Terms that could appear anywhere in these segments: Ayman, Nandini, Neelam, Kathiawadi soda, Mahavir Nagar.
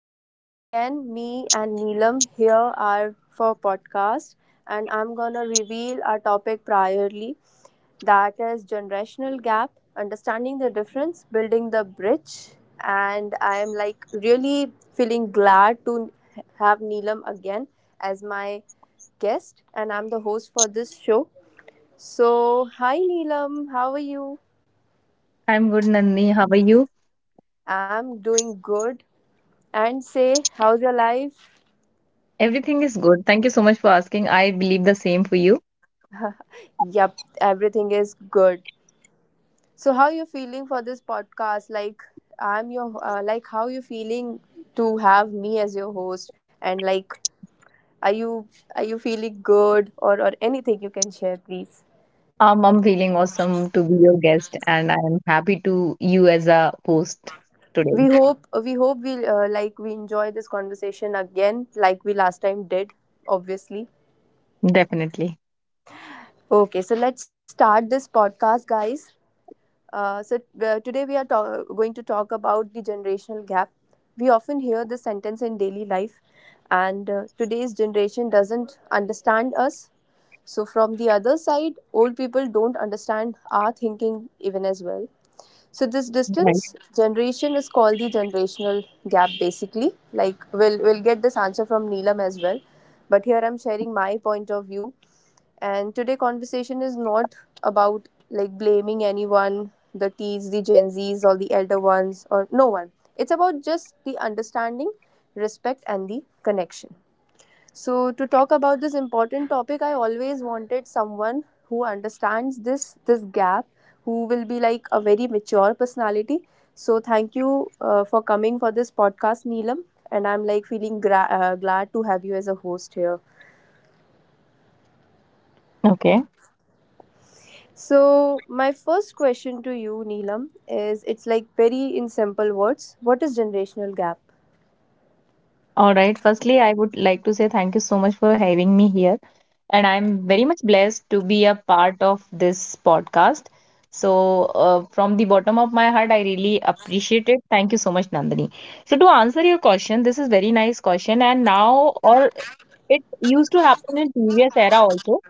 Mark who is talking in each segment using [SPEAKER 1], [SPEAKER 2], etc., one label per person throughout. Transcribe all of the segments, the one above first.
[SPEAKER 1] Today again me and Neelam here are for podcast and I'm going to reveal our topic priorly, that is generational gap, understanding the difference, building the bridge, and I am like really feeling glad to have Neelam again as my guest and I'm the host for this show. So, hi Neelam, how are you?
[SPEAKER 2] I'm good, Nandini. How are you?
[SPEAKER 1] I'm doing good. And say, how's your life?
[SPEAKER 2] Everything is good. Thank you so much for asking. I believe the same for you.
[SPEAKER 1] Yep, everything is good. So how you feeling for this podcast? Like I'm your like how you feeling to have me as your host and like are you are you feeling good or anything you can share please?
[SPEAKER 2] I'm feeling awesome to be your guest, and I am happy to you as a host today.
[SPEAKER 1] We hope we like we enjoy this conversation again like we last time did obviously.
[SPEAKER 2] Definitely.
[SPEAKER 1] Okay, so let's start this podcast guys. Uh, so Today we are going to talk about the generational gap. We often hear this sentence in daily life, and today's generation doesn't understand us. So from the other side, old people don't understand our thinking even as well. So this
[SPEAKER 2] Right.
[SPEAKER 1] distance generation is called the generational gap basically. Like we'll get this answer from Neelam as well. But here I'm sharing my point of view. And today conversation is not about like blaming anyone, the T's, the Gen Z's, or the elder ones, or no one. It's about just the understanding, respect and the connection. So, to talk about this important topic, I always wanted someone who understands this gap, who will be like a very mature personality. So, thank you for coming for this podcast, Neelam, and I'm like feeling glad to have you as a host here.
[SPEAKER 2] Okay.
[SPEAKER 1] So, my first question to you, Neelam, is it's like very in simple words, what is generational gap?
[SPEAKER 2] All right. Firstly, I would like to say thank you so much for having me here, and I'm very much blessed to be a part of this podcast. So, from the bottom of my heart, I really appreciate it. Thank you so much, Nandini. So to answer your question, this is very nice question, and now or it used to happen in previous era also.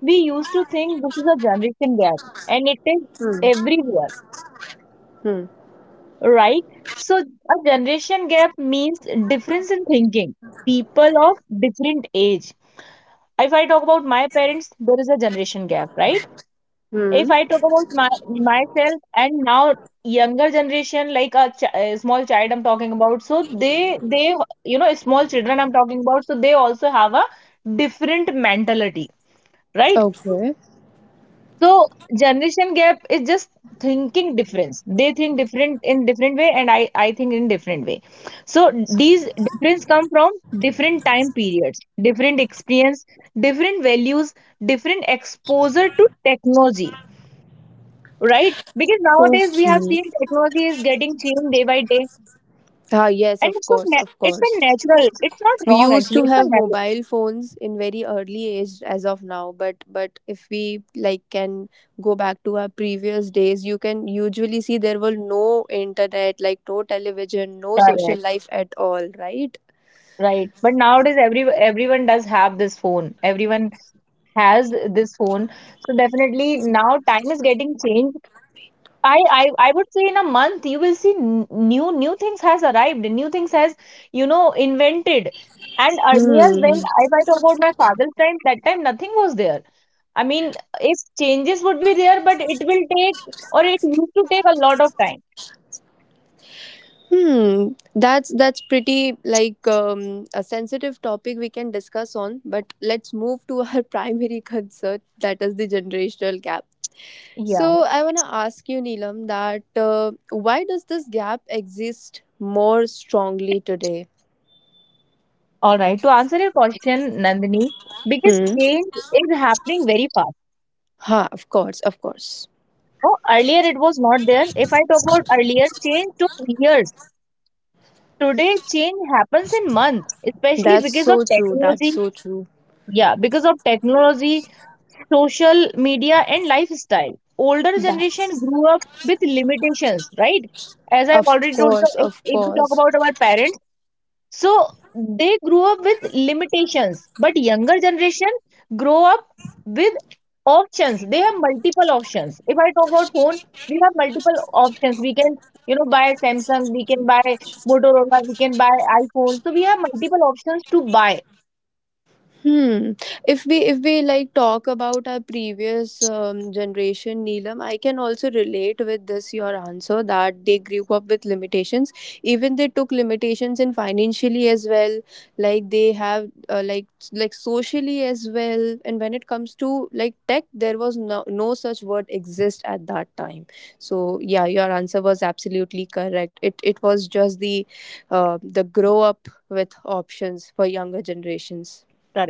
[SPEAKER 2] We used to think this is a generation gap, and it is
[SPEAKER 1] Hmm.
[SPEAKER 2] everywhere,
[SPEAKER 1] Hmm.
[SPEAKER 2] right? So a generation gap means difference in thinking. People of different age. If I talk about my parents, there is a generation gap, right?
[SPEAKER 1] Hmm.
[SPEAKER 2] If I talk about my myself and now younger generation, like a small child I'm talking about, so they small children I'm talking about, so they also have a different mentality, right?
[SPEAKER 1] Okay.
[SPEAKER 2] So generation gap is just thinking difference. They think different in different way, and I think in different way. So these difference come from different time periods, different experience, different values, different exposure to technology, right? Because nowadays we have
[SPEAKER 1] Okay.
[SPEAKER 2] seen technology is getting changed day by day,
[SPEAKER 1] Ah, yes,
[SPEAKER 2] and
[SPEAKER 1] of
[SPEAKER 2] it's a
[SPEAKER 1] course,
[SPEAKER 2] na-
[SPEAKER 1] of
[SPEAKER 2] it's a
[SPEAKER 1] course.
[SPEAKER 2] natural. It's not
[SPEAKER 1] We
[SPEAKER 2] wrong
[SPEAKER 1] used
[SPEAKER 2] actually.
[SPEAKER 1] to
[SPEAKER 2] It's a
[SPEAKER 1] have
[SPEAKER 2] natural.
[SPEAKER 1] mobile phones in very early age as of now, but if we like can go back to our previous days, you can usually see there were no internet, like no television, no
[SPEAKER 2] Right,
[SPEAKER 1] social life at all, right?
[SPEAKER 2] Right. But nowadays everyone does have this phone. Everyone has this phone, so definitely now time is getting changed. I would say in a month you will see new things has arrived, new things has invented. And earlier,
[SPEAKER 1] Hmm.
[SPEAKER 2] if I talk about my father's time, that time nothing was there. I mean, if changes would be there, but it will take or it used to take a lot of time.
[SPEAKER 1] Hmm. That's pretty like a sensitive topic we can discuss on, but let's move to our primary concern, that is the generational gap. So
[SPEAKER 2] Yeah.
[SPEAKER 1] I want to ask you, Neelam, that why does this gap exist more strongly today?
[SPEAKER 2] All right. To answer your question, Nandini, biggest
[SPEAKER 1] Hmm.
[SPEAKER 2] change is happening very fast.
[SPEAKER 1] Ha, of course, of course.
[SPEAKER 2] No, earlier it was not there. If I talk about earlier, change took years. Today, change happens in months, especially
[SPEAKER 1] That's
[SPEAKER 2] because of
[SPEAKER 1] so true. That's
[SPEAKER 2] technology.
[SPEAKER 1] so true.
[SPEAKER 2] Yeah, because of technology, social media, and lifestyle. Older
[SPEAKER 1] That,
[SPEAKER 2] generation grew up with limitations, right? As I've
[SPEAKER 1] of
[SPEAKER 2] already told
[SPEAKER 1] course,
[SPEAKER 2] you, if,
[SPEAKER 1] of
[SPEAKER 2] if we talk
[SPEAKER 1] course.
[SPEAKER 2] about our parents, so they grew up with limitations, but younger generation grow up with options. They have multiple options. If I talk about phone, we have multiple options. We can, you know, buy Samsung, we can buy Motorola, we can buy iPhone. So we have multiple options to buy.
[SPEAKER 1] Hmm. If we like talk about our previous generation, Neelam, I can also relate with this your answer that they grew up with limitations. Even they took limitations in financially as well. Like they have like socially as well. And when it comes to like tech, there was no such word exist at that time. So yeah, your answer was absolutely correct. It was just the grow up with options for younger generations.
[SPEAKER 2] Correct,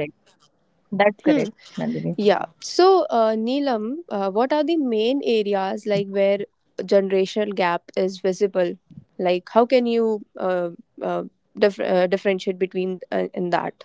[SPEAKER 2] that's correct,
[SPEAKER 1] Hmm.
[SPEAKER 2] Nandini.
[SPEAKER 1] Yeah. So, Neelam, what are the main areas like where generational gap is visible? Like, how can you uh, differentiate between in that?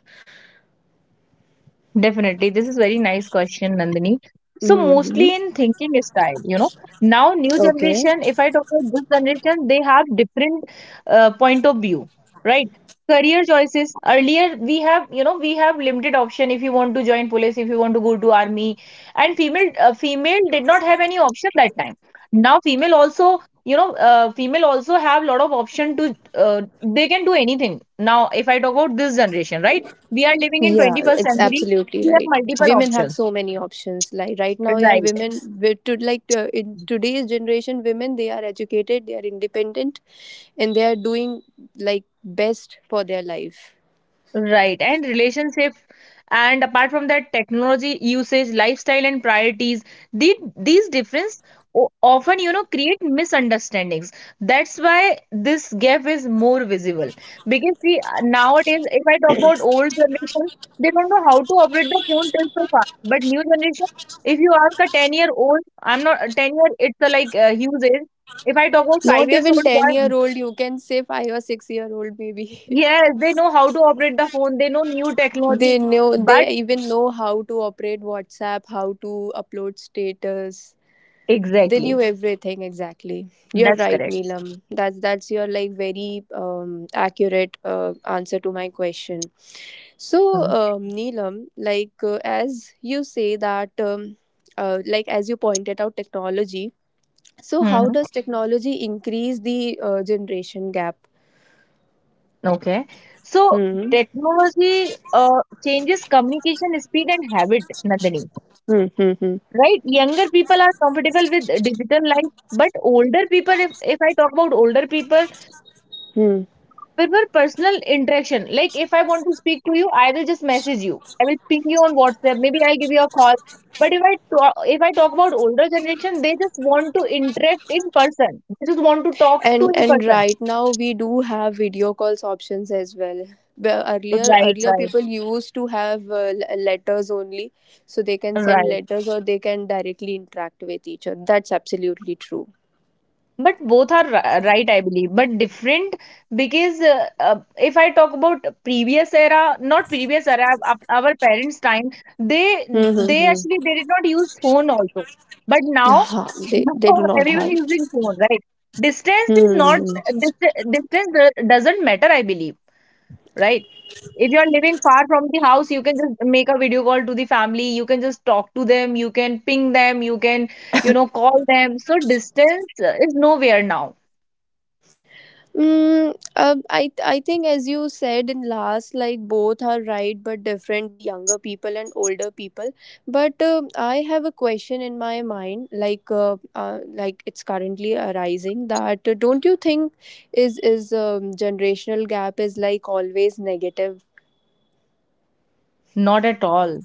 [SPEAKER 2] Definitely. This is very nice question, Nandini. So
[SPEAKER 1] Hmm.
[SPEAKER 2] mostly in thinking style. Now new
[SPEAKER 1] Okay.
[SPEAKER 2] generation, if I talk about this generation, they have different point of view, right? Career choices. Earlier we have, you know, we have limited option if you want to join police, if you want to go to army. And female did not have any option that time. Now female also have lot of option to they can do anything. Now if I talk about this generation, right? We are living in
[SPEAKER 1] Yeah,
[SPEAKER 2] 21st
[SPEAKER 1] it's
[SPEAKER 2] century.
[SPEAKER 1] absolutely
[SPEAKER 2] We have
[SPEAKER 1] right.
[SPEAKER 2] multiple
[SPEAKER 1] Women have
[SPEAKER 2] options.
[SPEAKER 1] so many options. Like right now, yeah,
[SPEAKER 2] Right,
[SPEAKER 1] women with to like in today's generation, women they are educated, they are independent, and they are doing like best for their life.
[SPEAKER 2] right. And relationship, and apart from that, technology usage, lifestyle and priorities, these difference often create misunderstandings. That's why this gap is more visible. Because see, nowadays, if I talk about old generation, they don't know how to operate the phone till so far. But new generation, if you ask a 10-year old — I'm not a 10 year, it's a like a huge age — if I talk about five
[SPEAKER 1] Not
[SPEAKER 2] years
[SPEAKER 1] even
[SPEAKER 2] old
[SPEAKER 1] 10
[SPEAKER 2] boy,
[SPEAKER 1] year old, you can say 5 or 6-year-old maybe.
[SPEAKER 2] yes, they know how to operate the phone. They know new technology.
[SPEAKER 1] They know
[SPEAKER 2] But
[SPEAKER 1] they even know how to operate WhatsApp, how to upload status. They
[SPEAKER 2] exactly,
[SPEAKER 1] knew everything exactly. You're
[SPEAKER 2] that's
[SPEAKER 1] right,
[SPEAKER 2] correct.
[SPEAKER 1] Neelam. That's your like very accurate answer to my question. So, Neelam, like as you say that, like as you pointed out, technology. So, how
[SPEAKER 2] Mm-hmm.
[SPEAKER 1] does technology increase the generation gap?
[SPEAKER 2] Okay. So
[SPEAKER 1] Hmm.
[SPEAKER 2] technology changes communication speed and habit, Nandini.
[SPEAKER 1] Hmm. Hmm. Hmm.
[SPEAKER 2] Right? Younger people are comfortable with digital life, but older people, if I talk about older people,
[SPEAKER 1] Hmm.
[SPEAKER 2] prefer personal interaction. Like if I want to speak to you, I will just message you. I will ping you on WhatsApp. Maybe I'll give you a call. But if I talk about older generation, they just want to interact in person. They just want to talk to in
[SPEAKER 1] And
[SPEAKER 2] person.
[SPEAKER 1] right now we do have video calls options as well. But earlier
[SPEAKER 2] Right,
[SPEAKER 1] earlier
[SPEAKER 2] right,
[SPEAKER 1] people used to have letters only, so they can send
[SPEAKER 2] right.
[SPEAKER 1] letters or they can directly interact with each other. That's absolutely true.
[SPEAKER 2] But both are right, I believe, but different, because if I talk about previous era, not previous era, our parents' time, they
[SPEAKER 1] Hmm. Hmm.
[SPEAKER 2] they actually
[SPEAKER 1] Hmm.
[SPEAKER 2] they did not use phone also. But now,
[SPEAKER 1] Yeah. They
[SPEAKER 2] now
[SPEAKER 1] do not
[SPEAKER 2] everyone
[SPEAKER 1] have.
[SPEAKER 2] is using phone, right? Distance
[SPEAKER 1] Hmm.
[SPEAKER 2] is not
[SPEAKER 1] Hmm, hmm.
[SPEAKER 2] dist- distance do- doesn't matter, I believe, right? If you are living far from the house, you can just make a video call to the family. You can just talk to them. You can ping them. You can call them. So distance is nowhere now.
[SPEAKER 1] Mm, I think as you said in last, like both are right but different. The younger people and older people. But I have a question in my mind, like it's currently arising that don't you think is generational gap is like always negative?
[SPEAKER 2] Not at all.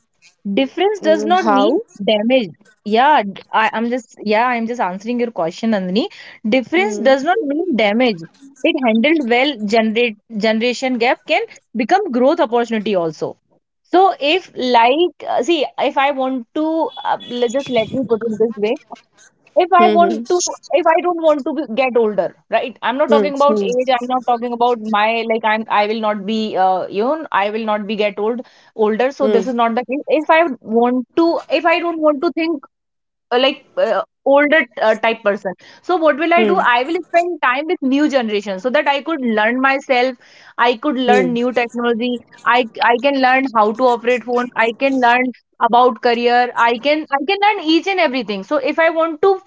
[SPEAKER 2] Difference does
[SPEAKER 1] Mm,
[SPEAKER 2] not mean
[SPEAKER 1] how?
[SPEAKER 2] damage. Yeah, d- I, am just yeah, I'm just answering your question, Nandini. Difference
[SPEAKER 1] Mm.
[SPEAKER 2] does not mean damage. It handled well, generate generation gap can become growth opportunity also. So if like, see, if I want to, let's just let me put it this way, if I want
[SPEAKER 1] Hmm.
[SPEAKER 2] to, if I don't want to be, get older, right? I'm not
[SPEAKER 1] Hmm.
[SPEAKER 2] talking about
[SPEAKER 1] Hmm.
[SPEAKER 2] age. I'm not talking about my like. I'm. I will not be. I will not be get older. So
[SPEAKER 1] Hmm.
[SPEAKER 2] this is not the case. If I want to, if I don't want to think like older type person, so what will I do?
[SPEAKER 1] Hmm.
[SPEAKER 2] I will spend time with new generation so that I could learn myself, I could learn
[SPEAKER 1] Hmm.
[SPEAKER 2] new technology, I can learn how to operate phone, I can learn about career, I can learn each and everything. So if I want to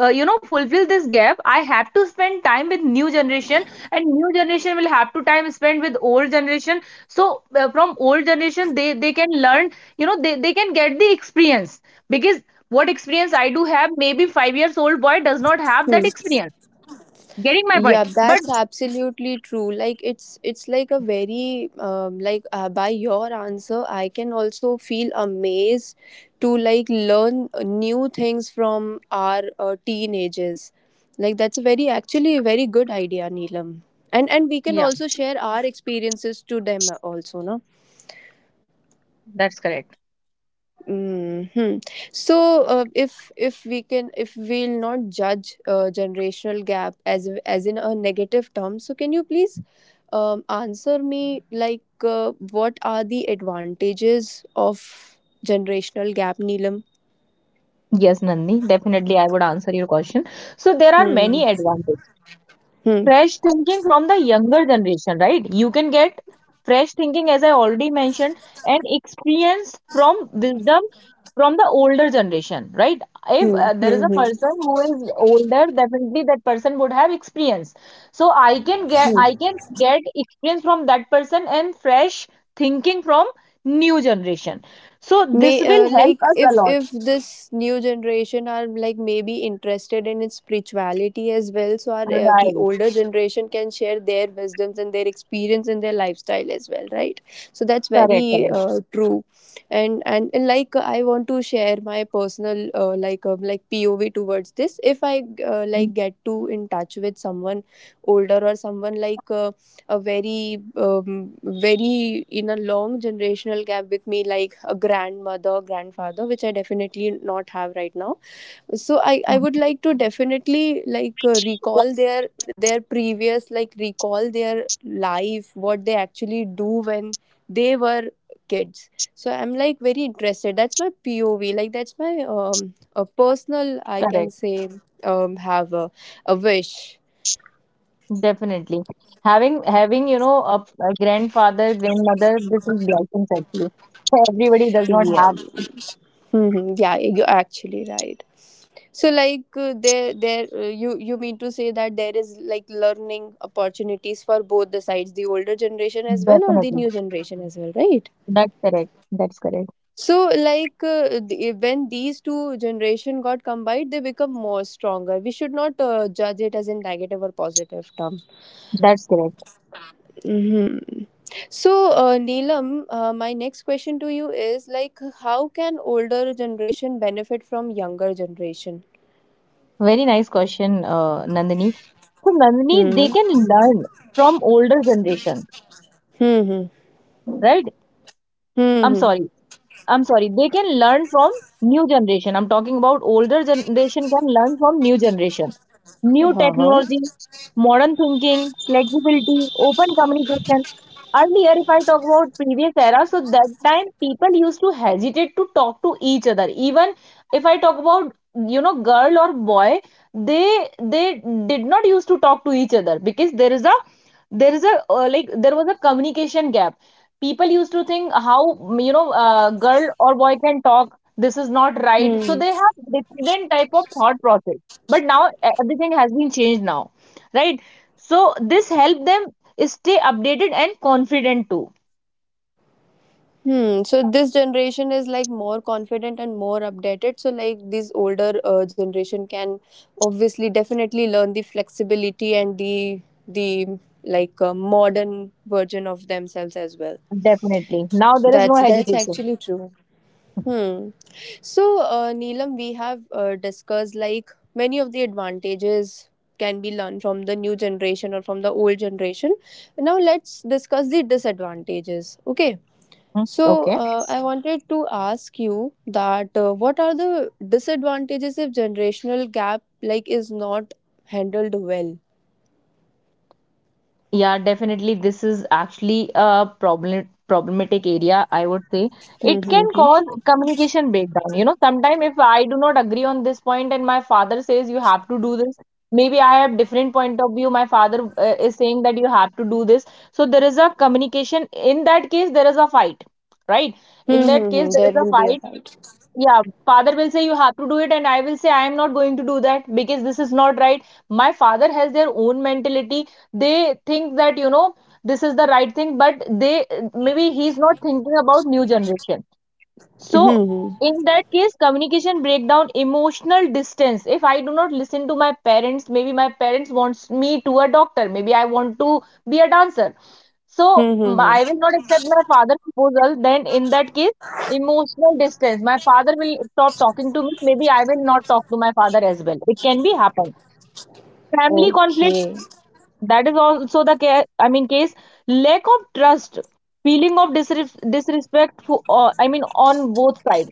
[SPEAKER 2] fulfill this gap, I have to spend time with new generation, and new generation will have to time spend with old generation. So, from old generation, they can learn, you know, they can get the experience. Because what experience I do have, maybe 5 years old boy does not have
[SPEAKER 1] Hmm.
[SPEAKER 2] that experience. Getting my point?
[SPEAKER 1] Yeah,
[SPEAKER 2] But
[SPEAKER 1] that's absolutely true. Like it's like a very like by your answer I can also feel amazed to like learn new things from our teenagers. Like that's a very actually a very good idea, Neelam. And we
[SPEAKER 2] yeah,
[SPEAKER 1] can also share our experiences to them also, no?
[SPEAKER 2] that's correct.
[SPEAKER 1] Hmm. So, if we can, if we'll not judge generational gap as in a negative term, so can you please answer me like what are the advantages of generational gap, Neelam?
[SPEAKER 2] Yes, Nandini, definitely I would answer your question. So there are
[SPEAKER 1] Hmm.
[SPEAKER 2] many advantages.
[SPEAKER 1] Hmm.
[SPEAKER 2] Fresh thinking from the younger generation, right? You can get fresh thinking, as I already mentioned, and experience from wisdom from the older generation, right? If
[SPEAKER 1] Hmm.
[SPEAKER 2] there is
[SPEAKER 1] Hmm.
[SPEAKER 2] a
[SPEAKER 1] Hmm.
[SPEAKER 2] person who is older, definitely that person would have experience. So I can get experience from that person and fresh thinking from new generation. So
[SPEAKER 1] May
[SPEAKER 2] this will help
[SPEAKER 1] like
[SPEAKER 2] us a lot.
[SPEAKER 1] if this new generation are like maybe interested in its spirituality as well, so our the
[SPEAKER 2] Right.
[SPEAKER 1] older generation can share their wisdoms and their experience and their lifestyle as well, right? So that's
[SPEAKER 2] Correct.
[SPEAKER 1] very
[SPEAKER 2] Correct.
[SPEAKER 1] true. And, and like I want to share my personal like POV towards this. If I like get to in touch with someone older or someone like a very very in a long generational gap with me, like a grandmother grandfather, which I definitely not have right now, so I
[SPEAKER 2] Mhm.
[SPEAKER 1] would like to definitely like recall their previous, like recall their life, what they actually do when they were kids. So I'm like very interested. That's my POV. Like that's my um a personal
[SPEAKER 2] Correct.
[SPEAKER 1] I can say have a wish.
[SPEAKER 2] Definitely. Having a grandfather, grandmother, this is blessings actually. So everybody does not
[SPEAKER 1] Yeah.
[SPEAKER 2] have.
[SPEAKER 1] Mhm. Yeah, you're actually right. So like there there you you mean to say that there is like learning opportunities for both the sides, the older generation as well or the
[SPEAKER 2] Definitely.
[SPEAKER 1] new generation as well, right?
[SPEAKER 2] That's correct. That's correct.
[SPEAKER 1] So like the, when these two generation got combined, they become more stronger. We should not judge it as a negative or positive term.
[SPEAKER 2] That's correct.
[SPEAKER 1] Hmm. So, Neelam, my next question to you is like how can older generation benefit from younger generation?
[SPEAKER 2] Very nice question, Nandini. So Nandini, they
[SPEAKER 1] Hmm.
[SPEAKER 2] can learn from older generation,
[SPEAKER 1] Hmm. Hmm.
[SPEAKER 2] right?
[SPEAKER 1] Hmm.
[SPEAKER 2] I'm
[SPEAKER 1] Hmm.
[SPEAKER 2] sorry, I'm sorry, they can learn from new generation. I'm talking about older generation can learn from new generation.
[SPEAKER 1] हाँ
[SPEAKER 2] New
[SPEAKER 1] हाँ.
[SPEAKER 2] technologies, modern thinking, flexibility, open communication. Earlier, if I talk about previous era, so that time people used to hesitate to talk to each other. Even if I talk about girl or boy, they did not used to talk to each other, because there is a like there was a communication gap. People used to think how a girl or boy can talk, this is not right, so
[SPEAKER 1] Hmm.
[SPEAKER 2] they have different type of thought process. But now everything has been changed now, right? So this help them stay updated and confident too.
[SPEAKER 1] Hmm. So this generation is like more confident and more updated. So like this older generation can obviously definitely learn the flexibility and the like modern version of themselves as well.
[SPEAKER 2] Definitely now there is no
[SPEAKER 1] That's
[SPEAKER 2] hesitation.
[SPEAKER 1] actually true. Hmm. So, Neelam, we have discussed like many of the advantages can be learned from the new generation or from the old generation. Now, let's discuss the disadvantages. Okay.
[SPEAKER 2] Hmm.
[SPEAKER 1] So,
[SPEAKER 2] Okay.
[SPEAKER 1] I wanted to ask you that what are the disadvantages if generational gap like is not handled well?
[SPEAKER 2] Yeah, definitely. This is actually a problematic area, I would say. It can
[SPEAKER 1] Mm-hmm.
[SPEAKER 2] cause communication breakdown. You know, sometimes if I do not agree on this point and my father says you have to do this, maybe I have different point of view. My father is saying that you have to do this. So there is a communication. In that case, there is a fight, right? In that case,
[SPEAKER 1] Mm-hmm.
[SPEAKER 2] there
[SPEAKER 1] There
[SPEAKER 2] is a
[SPEAKER 1] will be a
[SPEAKER 2] fight.
[SPEAKER 1] fight.
[SPEAKER 2] Yeah, father will say you have to do it and I will say I am not going to do that because this is not right. My father has their own mentality. They think that, you know, this is the right thing, but they maybe he's not thinking about new generation. So
[SPEAKER 1] Mm-hmm.
[SPEAKER 2] in that case, communication breakdown, emotional distance. If I do not listen to my parents, maybe my parents wants me to a doctor, maybe I want to be a dancer, so I
[SPEAKER 1] Mm-hmm.
[SPEAKER 2] will not accept my father's proposal. Then in that case, emotional distance. My father will stop talking to me. Maybe I will not talk to my father as well. It can be happen. Family conflict.
[SPEAKER 1] Okay.
[SPEAKER 2] That is also the care. I mean case. Lack of trust. Feeling of disrespect. For, I mean on both sides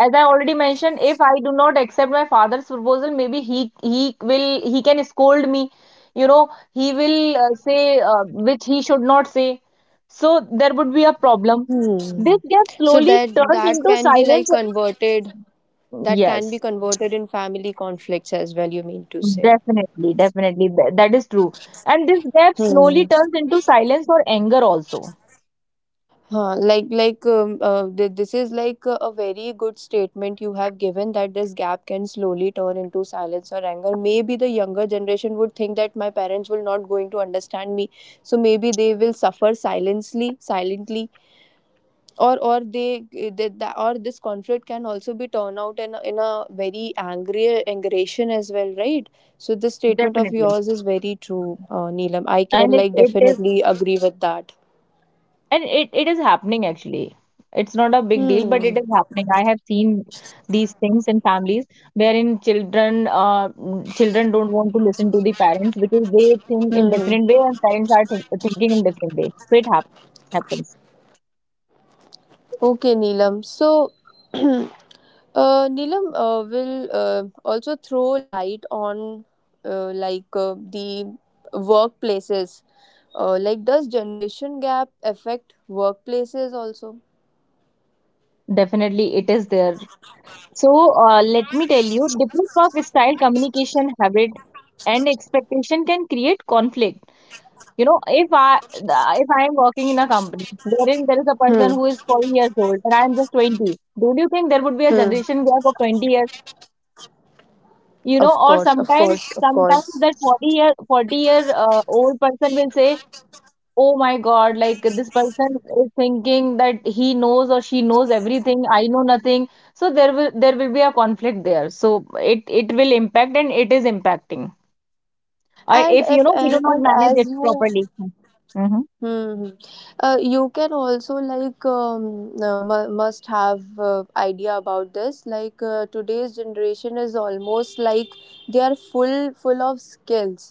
[SPEAKER 2] as I already mentioned, if I do not accept my father's proposal, maybe he can scold me. He will say which he should not say. So there would be a problem.
[SPEAKER 1] Hmm.
[SPEAKER 2] This gap
[SPEAKER 1] So
[SPEAKER 2] slowly
[SPEAKER 1] that
[SPEAKER 2] turns
[SPEAKER 1] that
[SPEAKER 2] into
[SPEAKER 1] can be like
[SPEAKER 2] silence.
[SPEAKER 1] converted. That can be
[SPEAKER 2] Yes,
[SPEAKER 1] converted in family conflicts as well. You mean to say?
[SPEAKER 2] definitely, definitely, that is true. And this gap slowly
[SPEAKER 1] Hmm.
[SPEAKER 2] turns into silence or anger also.
[SPEAKER 1] Huh, like this is like a very good statement you have given that this gap can slowly turn into silence or anger. Maybe the younger generation would think that my parents will not going to understand me, so maybe they will suffer silently, silently, or they the, or this conflict can also be turned out in a very angry aggression as well, right? So this statement
[SPEAKER 2] Definitely.
[SPEAKER 1] of yours is very true, Neelam. I can
[SPEAKER 2] And it,
[SPEAKER 1] like
[SPEAKER 2] it is
[SPEAKER 1] definitely agree with that.
[SPEAKER 2] And it is happening actually. It's not a big deal, but it
[SPEAKER 1] Hmm.
[SPEAKER 2] is happening. I have seen these things in families wherein children don't want to listen to the parents because they think in
[SPEAKER 1] Hmm. Hmm.
[SPEAKER 2] different way and parents are thinking in different way. So it happens.
[SPEAKER 1] Okay, Neelam. So, Neelam will also throw light on like the workplaces. Like, does generation gap affect workplaces also?
[SPEAKER 2] Definitely, it is there. So let me tell you, different work style, communication habit, and expectation can create conflict. You know, if I am working in a company wherein there is a person
[SPEAKER 1] Hmm.
[SPEAKER 2] who is 40 years old and I am just 20, don't you think there would be a
[SPEAKER 1] Hmm.
[SPEAKER 2] generation gap of 20 years? You know,
[SPEAKER 1] Of
[SPEAKER 2] or
[SPEAKER 1] course. Of course. Of
[SPEAKER 2] sometimes
[SPEAKER 1] course.
[SPEAKER 2] that 40 year old person will say, "Oh my God, like this person is thinking that he knows or she knows everything. I know nothing." So there will be a conflict there. So it will impact and it is impacting. I
[SPEAKER 1] And
[SPEAKER 2] If you
[SPEAKER 1] if
[SPEAKER 2] know we do
[SPEAKER 1] and,
[SPEAKER 2] not
[SPEAKER 1] and
[SPEAKER 2] manage
[SPEAKER 1] as
[SPEAKER 2] it
[SPEAKER 1] you
[SPEAKER 2] properly. Mm-hmm.
[SPEAKER 1] Hmm. Hmm. You can also like must have idea about this. Like today's generation is almost like they are full of skills.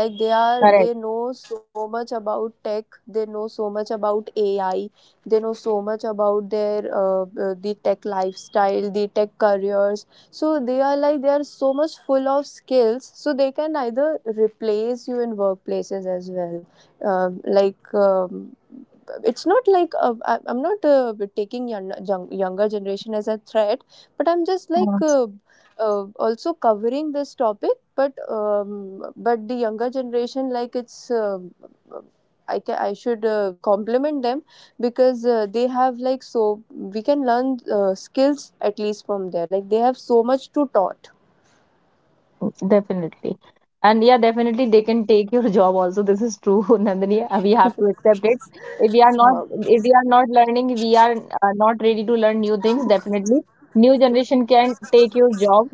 [SPEAKER 1] Like they are they
[SPEAKER 2] Correct.
[SPEAKER 1] know so much about tech. They know so much about AI. They know so much about their the tech lifestyle, the tech careers. So they are like they are so much full of skills. So they can either replace you in workplaces as well um like um, it's not like I'm not taking younger generation as a threat but i'm just like
[SPEAKER 2] Mm-hmm.
[SPEAKER 1] uh, uh, also covering this topic but the younger generation like I should compliment them because they have like so we can learn skills at least from there. Like they have so much to taught.
[SPEAKER 2] Definitely. And yeah, definitely they can take your job also. This is true, Nandini. We have to accept it.
[SPEAKER 1] Uh,
[SPEAKER 2] If we are not learning, we are not ready to learn new things. Definitely, new generation can take your job,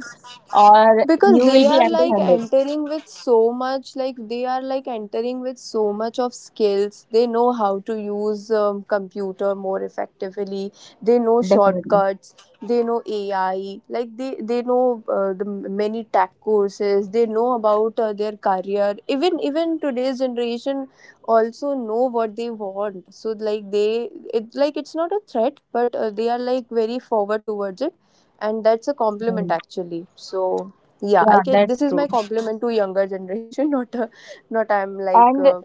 [SPEAKER 2] or
[SPEAKER 1] because
[SPEAKER 2] you will
[SPEAKER 1] they
[SPEAKER 2] be
[SPEAKER 1] are like
[SPEAKER 2] empty-handed.
[SPEAKER 1] entering with so much, like they are like entering with so much of skills. They know how to use computer more effectively, they know
[SPEAKER 2] Definitely.
[SPEAKER 1] shortcuts, they know ai, like they know the many tech courses, they know about their career. Even today's generation also know what they want. So like they it like it's not a threat, but they are like very forward towards it, and that's a compliment
[SPEAKER 2] Mm.
[SPEAKER 1] actually. So yeah, I
[SPEAKER 2] Yeah,
[SPEAKER 1] can.
[SPEAKER 2] that's
[SPEAKER 1] This is
[SPEAKER 2] true.
[SPEAKER 1] my compliment to younger generation, not not I'm like
[SPEAKER 2] And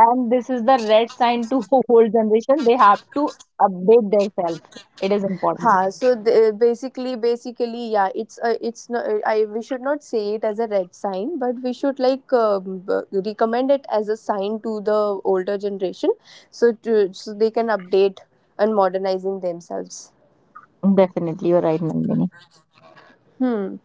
[SPEAKER 2] and this is the red sign to whole generation. They have to update themselves. It is
[SPEAKER 1] ha.
[SPEAKER 2] important.
[SPEAKER 1] So basically, yeah, it's not, I, we should not say it as a red sign, but we should like recommend it as a sign to the older generation, so so they can update and modernizing themselves.
[SPEAKER 2] Definitely, you're right, Nandini.
[SPEAKER 1] Hmm.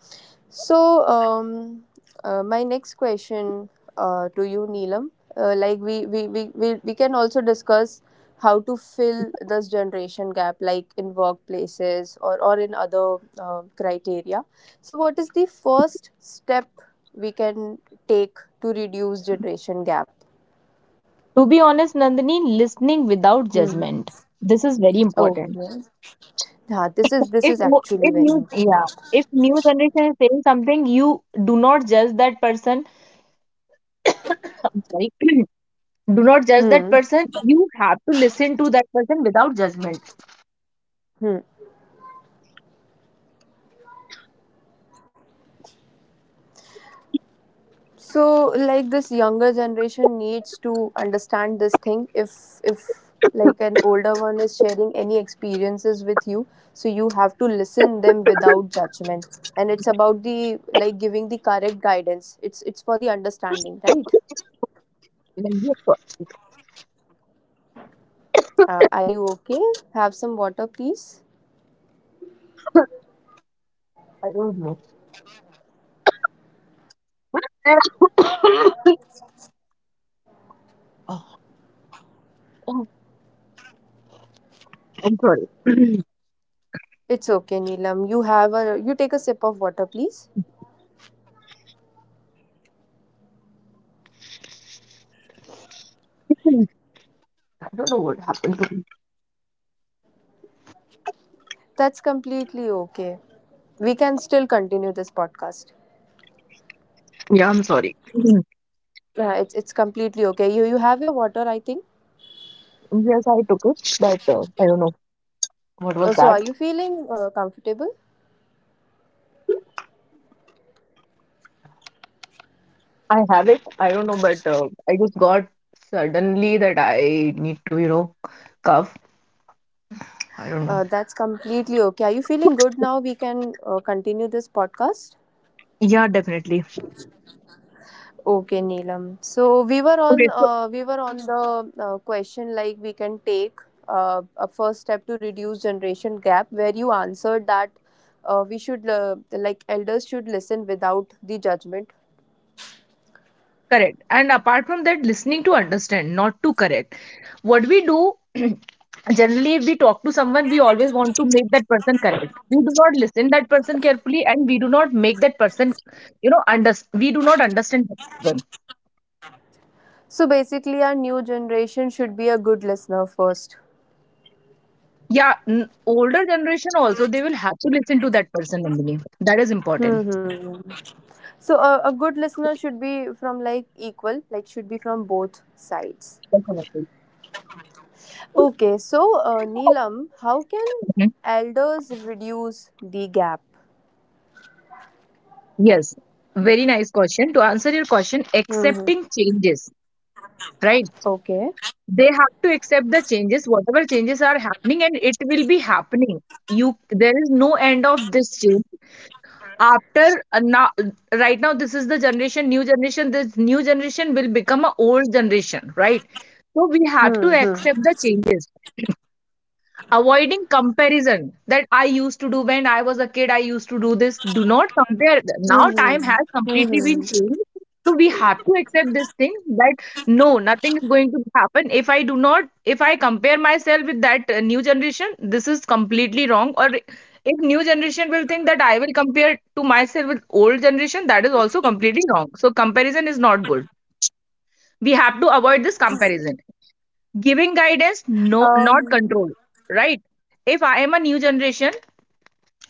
[SPEAKER 1] So, my next question to you, Neelam, like we can also discuss how to fill this generation gap, like in workplaces, or in other criteria. So, what is the first step we can take to reduce generation gap?
[SPEAKER 2] To be honest, Nandini, listening without
[SPEAKER 1] Hmm.
[SPEAKER 2] judgment. This is very
[SPEAKER 1] Okay.
[SPEAKER 2] important.
[SPEAKER 1] Yeah, this is
[SPEAKER 2] If wo-
[SPEAKER 1] actually
[SPEAKER 2] if
[SPEAKER 1] very
[SPEAKER 2] new yeah,
[SPEAKER 1] important.
[SPEAKER 2] if new generation is saying something, you do not judge that person. I'm sorry, do not judge that
[SPEAKER 1] Hmm.
[SPEAKER 2] person. You have to listen to that person without judgment.
[SPEAKER 1] Hmm. So like this younger generation needs to understand this thing, if if like an older one is sharing any experiences with you, so you have to listen them without judgment. And it's about the like giving the correct guidance, it's for the understanding, right?
[SPEAKER 2] Like, yes, sir,
[SPEAKER 1] Are you okay? Have some water please.
[SPEAKER 2] I don't know. Oh, oh, I'm sorry.
[SPEAKER 1] It's okay, Neelam. You have a, you take a sip of water please. That's completely okay, we can still continue this podcast.
[SPEAKER 2] Sorry.
[SPEAKER 1] Yeah, it's completely okay. You have your water, I think.
[SPEAKER 2] Yes, I took it, but I don't know what was
[SPEAKER 1] So are
[SPEAKER 2] that.
[SPEAKER 1] you feeling comfortable?
[SPEAKER 2] I have it. I don't know, but I just got suddenly that I need to cough. I don't know.
[SPEAKER 1] That's completely okay. Are you feeling good now? We can continue this podcast.
[SPEAKER 2] Yeah, definitely.
[SPEAKER 1] Okay, Neelam. So we were
[SPEAKER 2] Okay,
[SPEAKER 1] on
[SPEAKER 2] so
[SPEAKER 1] the question, like we can take a first step to reduce generation gap, where you answered that we should like elders should listen without the judgment.
[SPEAKER 2] correct. And apart from that, listening to understand, not to correct. What we do, generally, if we talk to someone, we always want to make that person correct. We do not listen that person carefully, and we do not make that person, under. We do not understand that person.
[SPEAKER 1] So basically, our new generation should be a good listener first.
[SPEAKER 2] Yeah, older generation also they will have to listen to that person, Nandini. That is important.
[SPEAKER 1] Hmm, hmm. So a good listener should be from like equal, like should be from both sides.
[SPEAKER 2] Definitely.
[SPEAKER 1] Okay, so Neelam, how can
[SPEAKER 2] Mhm.
[SPEAKER 1] elders reduce the gap?
[SPEAKER 2] Yes, very nice question. To answer your question,
[SPEAKER 1] Hmm, hmm.
[SPEAKER 2] accepting changes, right?
[SPEAKER 1] Okay.
[SPEAKER 2] They have to accept the changes, whatever changes are happening, and it will be happening. There is no end of this change. After now, right now, this is the generation, new generation. This new generation will become a old generation, right? So we have to
[SPEAKER 1] Mm-hmm.
[SPEAKER 2] accept the changes. Avoiding comparison that I used to do when I was a kid. I used to do this. Do not compare. Now time
[SPEAKER 1] Mm-hmm.
[SPEAKER 2] has completely been
[SPEAKER 1] Mm-hmm.
[SPEAKER 2] changed. So we have to accept this thing that no nothing is going to happen if I compare myself with that new generation. This is completely wrong. Or if new generation will think that I will compare to myself with old generation, that is also completely wrong. So comparison is not good. We have to avoid this comparison. Giving guidance, no not
[SPEAKER 1] Um.
[SPEAKER 2] control, right? If I am a new generation,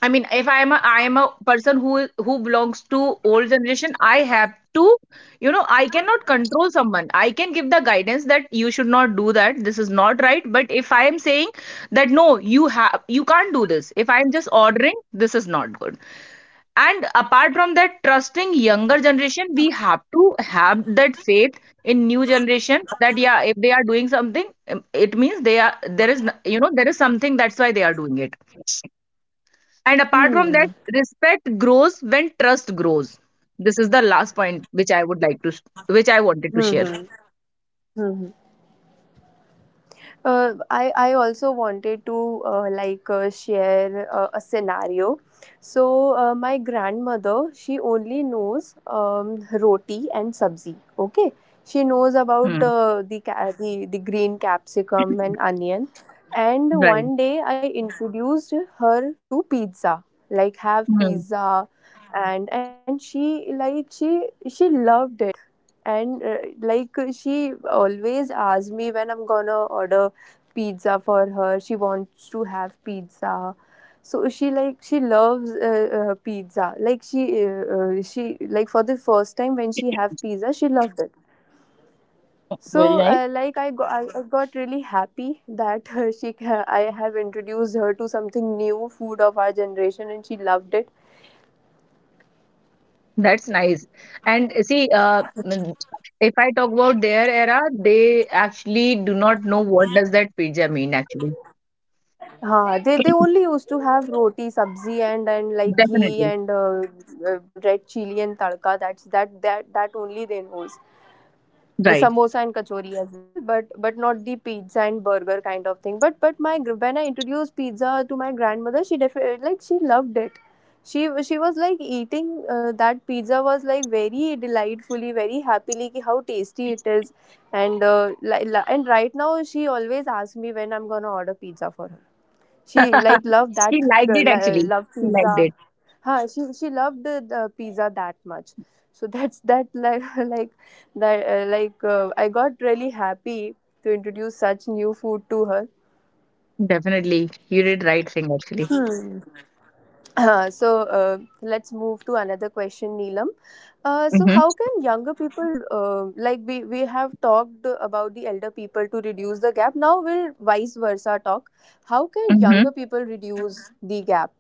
[SPEAKER 2] I mean, if I am a I am a person who belongs to old generation. I have to, you know, I cannot control someone. I can give the guidance that you should not do that, this is not right. But if I am saying that no you can't do this, if I am just ordering, this is not good. And apart from that, trusting younger generation. We have to have that faith in new generation that yeah if they are doing something, it means they are there is you know there is something, that's why they are doing it. And apart from
[SPEAKER 1] Hmm.
[SPEAKER 2] that, respect grows when trust grows. This is the last point which I wanted to share.
[SPEAKER 1] Mm-hmm. I also wanted to like share a scenario. So my grandmother, she only knows roti and sabzi. Okay, she knows
[SPEAKER 2] Hmm.
[SPEAKER 1] about the, the green capsicum and onion. And
[SPEAKER 2] Right.
[SPEAKER 1] one day I introduced her to pizza. Like have
[SPEAKER 2] Hmm.
[SPEAKER 1] pizza, and she like she loved it. And she always asks me when I'm gonna order pizza for her, she wants to have pizza. So she like she loves pizza. She like, for the first time when she have pizza, she loved it.
[SPEAKER 2] Very
[SPEAKER 1] So
[SPEAKER 2] nice.
[SPEAKER 1] I got, I got really happy that I have introduced her to something new food of our generation, and she loved it.
[SPEAKER 2] That's nice. And see, if I talk about their era, they actually do not know what does that pizza mean actually.
[SPEAKER 1] Huh, they only used to have roti, sabzi, and like ghee
[SPEAKER 2] Definitely.
[SPEAKER 1] and uh, red chili and tadka. That's that that that only they knows.
[SPEAKER 2] Right.
[SPEAKER 1] Samosa and kachori as well, but not the pizza and burger kind of thing. But when I introduced pizza to my grandmother, she definitely like she loved it. She she was like eating that pizza was like very delightfully, very happily, ki how tasty it is. And and right now she always asks me when I'm gonna order pizza for her. She like loved that,
[SPEAKER 2] She liked it actually.
[SPEAKER 1] loved
[SPEAKER 2] She liked
[SPEAKER 1] pizza.
[SPEAKER 2] it.
[SPEAKER 1] Huh, she loved the pizza that much. So that's that like like that like I got really happy to introduce such new food to her.
[SPEAKER 2] Definitely. You did right thing actually.
[SPEAKER 1] Hmm. Let's move to another question, Neelam. So
[SPEAKER 2] Mm-hmm.
[SPEAKER 1] how can younger people, like we have talked about the elder people to reduce the gap. Now we'll vice versa talk. How can
[SPEAKER 2] Mm-hmm.
[SPEAKER 1] younger people reduce the gap?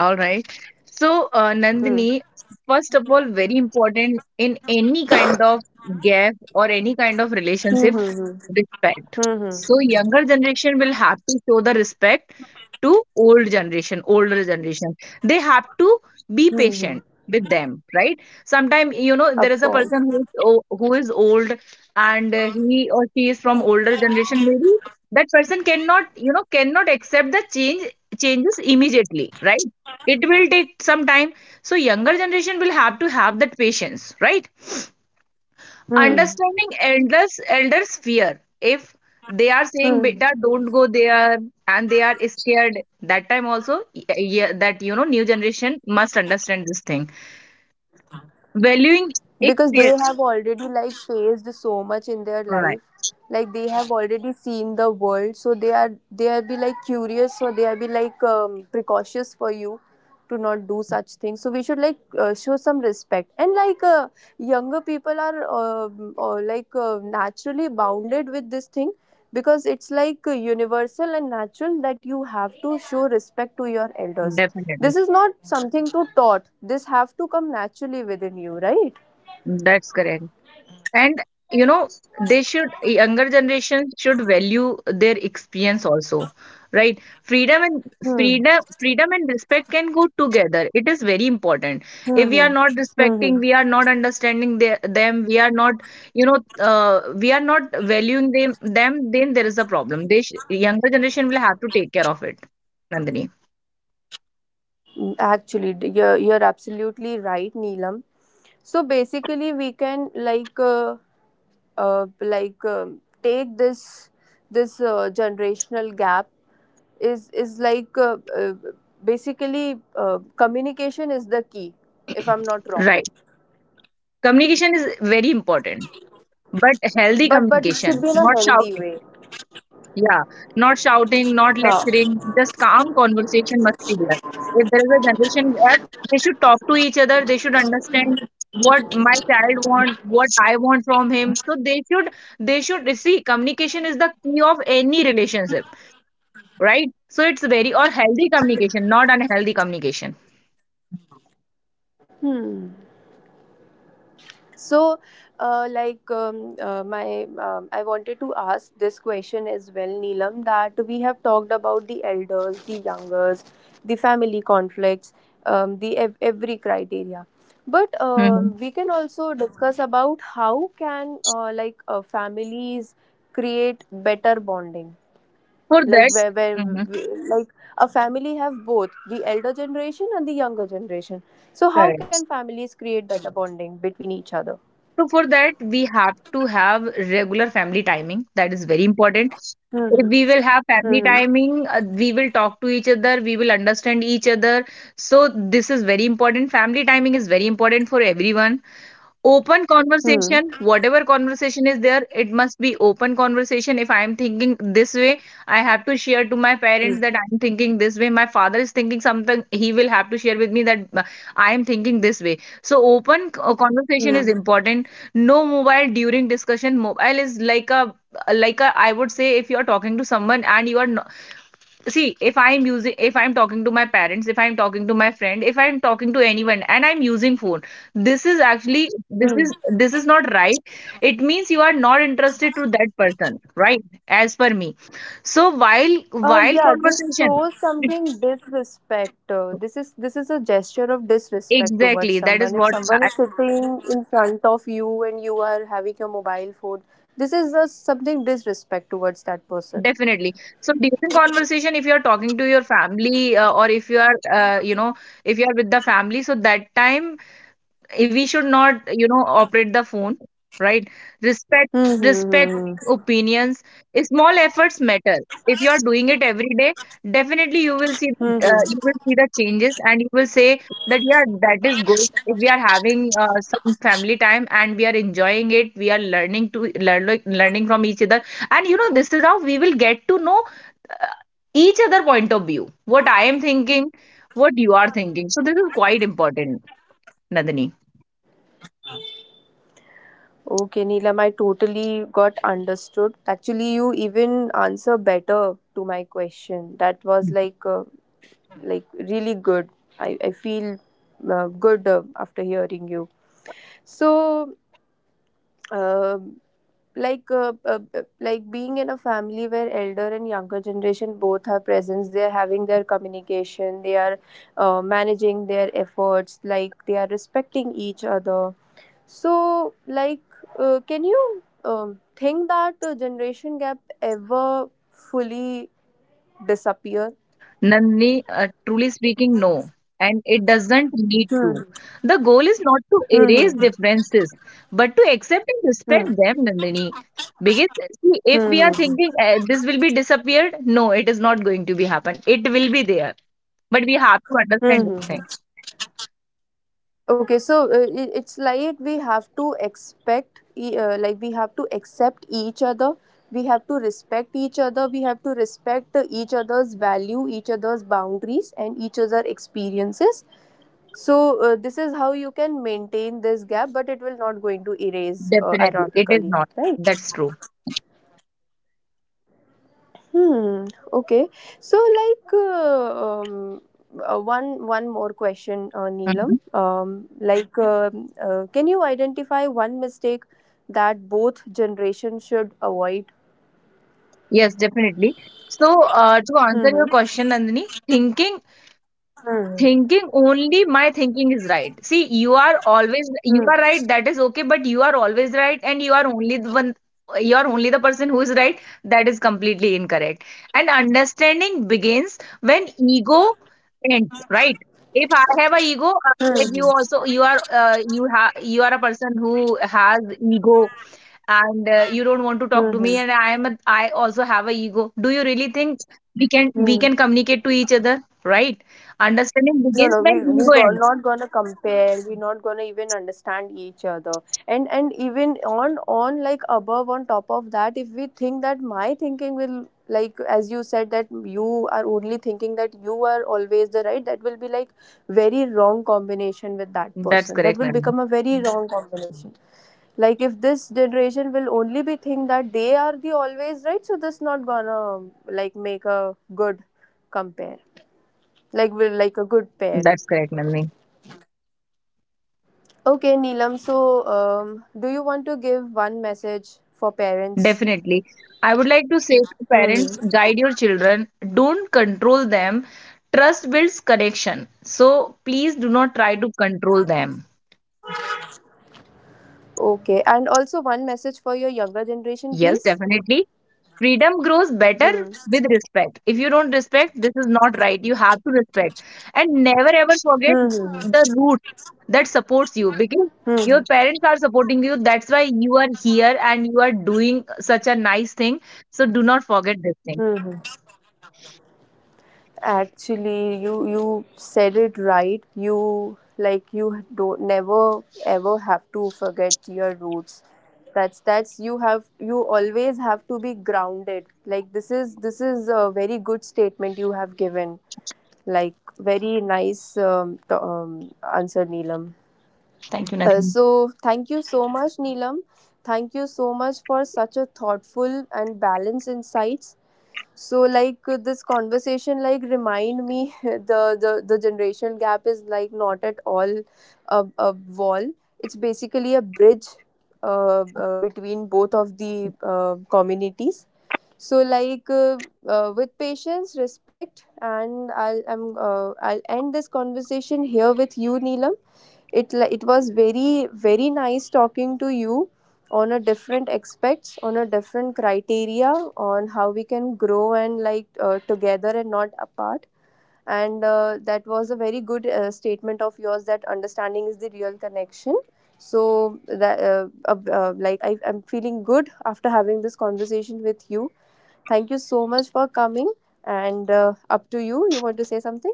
[SPEAKER 2] All right. So,
[SPEAKER 1] Hmm.
[SPEAKER 2] Nandini, first of all, very important in any kind of gap or any kind of
[SPEAKER 1] Hmm,
[SPEAKER 2] relationship,
[SPEAKER 1] hmm, hmm.
[SPEAKER 2] respect.
[SPEAKER 1] Hmm hmm
[SPEAKER 2] So younger generation will have to show the respect to old generation, older generation. They have to be
[SPEAKER 1] hmm
[SPEAKER 2] patient with them, right? Sometimes you know there is a
[SPEAKER 1] afford hmm of
[SPEAKER 2] person
[SPEAKER 1] course.
[SPEAKER 2] who is old and he or she is from older generation. Maybe that person cannot you know cannot accept the changes immediately, right? It will take some time. So younger generation will have to have that patience, right?
[SPEAKER 1] Hmm
[SPEAKER 2] Understanding elders fear. If they are saying
[SPEAKER 1] hmm
[SPEAKER 2] beta don't go there and they are scared that time also yeah, that you know new generation must understand this thing. Valuing
[SPEAKER 1] because they
[SPEAKER 2] experience,
[SPEAKER 1] have already like faced so much in their
[SPEAKER 2] right?
[SPEAKER 1] life. Like they have already seen the world, so they are be like curious, so they are be like precautious for you to not do such things. So we should like show some respect and like younger people are like naturally bounded with this thing because it's like universal and natural that you have to show respect to your elders.
[SPEAKER 2] Definitely,
[SPEAKER 1] This is not something to taught, this have to come naturally within you, right?
[SPEAKER 2] that's correct. And you know, younger generations should value their experience also, right? Freedom and
[SPEAKER 1] Hmm.
[SPEAKER 2] freedom and respect can go together. It is very important.
[SPEAKER 1] Hmm.
[SPEAKER 2] If we are
[SPEAKER 1] Hmm.
[SPEAKER 2] not
[SPEAKER 1] Hmm,
[SPEAKER 2] respecting,
[SPEAKER 1] hmm.
[SPEAKER 2] we are not understanding them, we are not, you know, we are not valuing them, then there is a problem. They sh younger generation will have to take care of it, Nandini.
[SPEAKER 1] Mm, actually, d- you're absolutely right, Neelam. So basically, we can like take this generational gap is, like basically communication is the key, if I'm not wrong.
[SPEAKER 2] Right. Communication is very important, but healthy
[SPEAKER 1] But it should
[SPEAKER 2] communication,
[SPEAKER 1] be in a
[SPEAKER 2] not
[SPEAKER 1] healthy
[SPEAKER 2] shouting.
[SPEAKER 1] way.
[SPEAKER 2] Yeah, not shouting, not
[SPEAKER 1] Huh.
[SPEAKER 2] lecturing, just calm conversation must be there. If there is a generation gap, they should talk to each other. They should understand what my child want, what I want from him. So they should see communication is the key of any relationship, right? So it's very or healthy communication, not unhealthy communication.
[SPEAKER 1] Hmm. So like my I wanted to ask this question as well, Neelam, that we have talked about the elders, the youngers, the family conflicts, every criteria, but
[SPEAKER 2] Hmm.
[SPEAKER 1] we can also discuss about how can families create better bonding,
[SPEAKER 2] For
[SPEAKER 1] like
[SPEAKER 2] that,
[SPEAKER 1] where
[SPEAKER 2] mhm,
[SPEAKER 1] a family have both the elder generation and the younger generation. So how can
[SPEAKER 2] correct.
[SPEAKER 1] families create better bonding between each other?
[SPEAKER 2] So for that, we have to have regular family timing. That is very important. If
[SPEAKER 1] Mhm.
[SPEAKER 2] we will have family
[SPEAKER 1] Mhm.
[SPEAKER 2] timing, we will talk to each other, we will understand each other. So, this is very important. Family timing is very important for everyone. Open
[SPEAKER 1] Hmm.
[SPEAKER 2] conversation, whatever conversation is there it must be open conversation. If I am thinking this way I have to share to my parents that
[SPEAKER 1] Hmm.
[SPEAKER 2] I am thinking this way. My father is thinking something, he will have to share with me that I am thinking this way. So open conversation
[SPEAKER 1] Hmm.
[SPEAKER 2] is important. No mobile during discussion. Mobile is like a I would say if you are talking to someone and you are see if I'm talking to my parents, if I'm talking to my friend, if I'm talking to anyone and I'm using phone, this is actually,
[SPEAKER 1] Hmm.
[SPEAKER 2] this is not right. It means you are not interested to that person, right? As per me. So while
[SPEAKER 1] Yeah, this
[SPEAKER 2] conversation.
[SPEAKER 1] shows something disrespect. This is a gesture of disrespect towards
[SPEAKER 2] Exactly, that is
[SPEAKER 1] someone. If someone is sitting in front of you and you are having your mobile phone, this is something disrespect towards that person.
[SPEAKER 2] definitely. So during conversation, if you are talking to your family or if you are, you know, if you are with the family, so that time we should not operate the phone, right? Respect. Respect
[SPEAKER 1] Mm-hmm.
[SPEAKER 2] opinions. Small efforts matter. If you are doing it every day, definitely you will see, you
[SPEAKER 1] Mm-hmm.
[SPEAKER 2] will see the changes and you will say that yeah that is good. If we are having some family time and we are enjoying it, we are learn, like, learning from each other. And you know this is how we will get to know uh, each other point of view, what I am thinking, what you are thinking. So this is quite important, Nandini.
[SPEAKER 1] Okay, Neelam, I totally got understood. Actually, you even answer better to my question. That was like really good. I feel good after hearing you. So, um, like being in a family where elder and younger generation both are present, they are having their communication, they are managing their efforts, like they are respecting each other. So, like, can you think that generation gap ever fully disappear?
[SPEAKER 2] Nandini, truly speaking, no. And it doesn't need to.
[SPEAKER 1] Hmm.
[SPEAKER 2] The goal is not to
[SPEAKER 1] Hmm.
[SPEAKER 2] erase
[SPEAKER 1] Hmm.
[SPEAKER 2] differences, but to accept and respect them, Nandini. Because see, if
[SPEAKER 1] Hmm.
[SPEAKER 2] we are
[SPEAKER 1] Hmm.
[SPEAKER 2] thinking this will be disappeared, no, it is not going to be happen. It will be there. But we have to understand this thing.
[SPEAKER 1] Mm-hmm. Okay, so it's like we have to expect, like we have to accept each other. We have to respect each other. We have to respect each other's value, each other's boundaries, and each other experiences. So this is how you can maintain this gap, but it will not going to erase
[SPEAKER 2] Definitely, it is
[SPEAKER 1] ironically,
[SPEAKER 2] not.
[SPEAKER 1] right?
[SPEAKER 2] That's true.
[SPEAKER 1] Hmm. Okay. So, like, one more question, Neelam.
[SPEAKER 2] Mhm.
[SPEAKER 1] Um, can you identify one mistake that both generations should avoid?
[SPEAKER 2] Yes, definitely. So, to answer your
[SPEAKER 1] Mm-hmm.
[SPEAKER 2] question, Nandini,
[SPEAKER 1] Mm-hmm.
[SPEAKER 2] Thinking only my thinking is right. See, you are right, that is okay, but you are always right and you are only the person who is right, that is completely incorrect. And understanding begins when ego ends, right? If I have a ego, like you
[SPEAKER 1] Mm-hmm.
[SPEAKER 2] also you are a person who has ego and you don't want to talk to me and I also have a ego. Do you really think we
[SPEAKER 1] Mm-hmm.
[SPEAKER 2] can communicate to each other, right? Understanding
[SPEAKER 1] No,
[SPEAKER 2] begins
[SPEAKER 1] no,
[SPEAKER 2] when ego ends.
[SPEAKER 1] not gonna compare, we're not gonna even understand each other. And even on like above on top of that, if we think that my thinking will, like as you said, that you are only thinking that you are always the right, that will be like very wrong combination with that
[SPEAKER 2] That's
[SPEAKER 1] person, that
[SPEAKER 2] correct,
[SPEAKER 1] will
[SPEAKER 2] Nandini.
[SPEAKER 1] become a very wrong combination. Like if this generation will only be think that they are the always right, so this not gonna like make a good compare, like will like a good pair.
[SPEAKER 2] That's correct, Nandini.
[SPEAKER 1] Okay, Neelam. So, do you want to give one message for parents?
[SPEAKER 2] Definitely. I would like to say to parents,
[SPEAKER 1] Hmm.
[SPEAKER 2] guide your children, don't control them. Trust builds connection. So please do not try to control them.
[SPEAKER 1] Okay, and also one message for your younger generation,
[SPEAKER 2] Yes,
[SPEAKER 1] please.
[SPEAKER 2] definitely. Freedom grows better
[SPEAKER 1] Hmm.
[SPEAKER 2] with respect. If you don't respect, this is not right, you have to respect. And never ever forget
[SPEAKER 1] Hmm. Hmm.
[SPEAKER 2] the root that supports you, because
[SPEAKER 1] Hmm, hmm,
[SPEAKER 2] your parents are supporting you, that's why you are here and you are doing such a nice thing. So do not forget this thing.
[SPEAKER 1] hmm, hmm. Actually, you said it right. You, like you, don't, never ever have to forget your roots. That's you have, you always have to be grounded. Like this is a very good statement you have given. Like, very nice answer, Neelam.
[SPEAKER 2] Thank you, Nadine.
[SPEAKER 1] So, thank you so much, Neelam. Thank you so much for such a thoughtful and balanced insights. So, like this conversation, like remind me the generation gap is like not at all a wall. It's basically a bridge, between both of the communities. So like with patience, respect, and I'll end this conversation here with you, Neelam. It it was very very nice talking to you on a different aspects, on a different criteria, on how we can grow and like together and not apart. And that was a very good statement of yours, that understanding is the real connection. So that I'm feeling good after having this conversation with you. Thank you so much for coming. And up to you, you want to say something.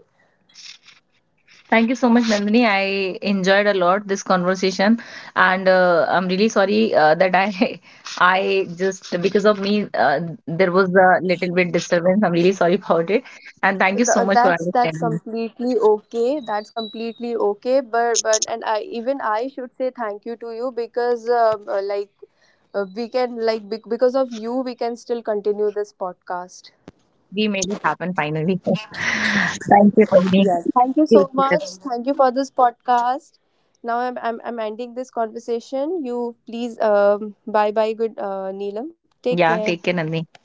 [SPEAKER 2] Thank you so much, Nandini. I enjoyed a lot this conversation, and I'm really sorry that I, I just because of me, there was a little bit disturbance. I'm really sorry about it, and thank you so much for
[SPEAKER 1] That's
[SPEAKER 2] understanding.
[SPEAKER 1] that's completely okay, but and I, even I, should say thank you to you, because like we can like because of you we can still continue this podcast.
[SPEAKER 2] We made it happen finally. Thank you, Nandini.
[SPEAKER 1] Yes. Thank you
[SPEAKER 2] Take
[SPEAKER 1] so
[SPEAKER 2] care.
[SPEAKER 1] much. Thank you for this podcast. Now I'm ending this conversation. You please bye bye, good, Neelam.
[SPEAKER 2] Yeah, take
[SPEAKER 1] Take
[SPEAKER 2] care,
[SPEAKER 1] care.
[SPEAKER 2] Nandini. Bye.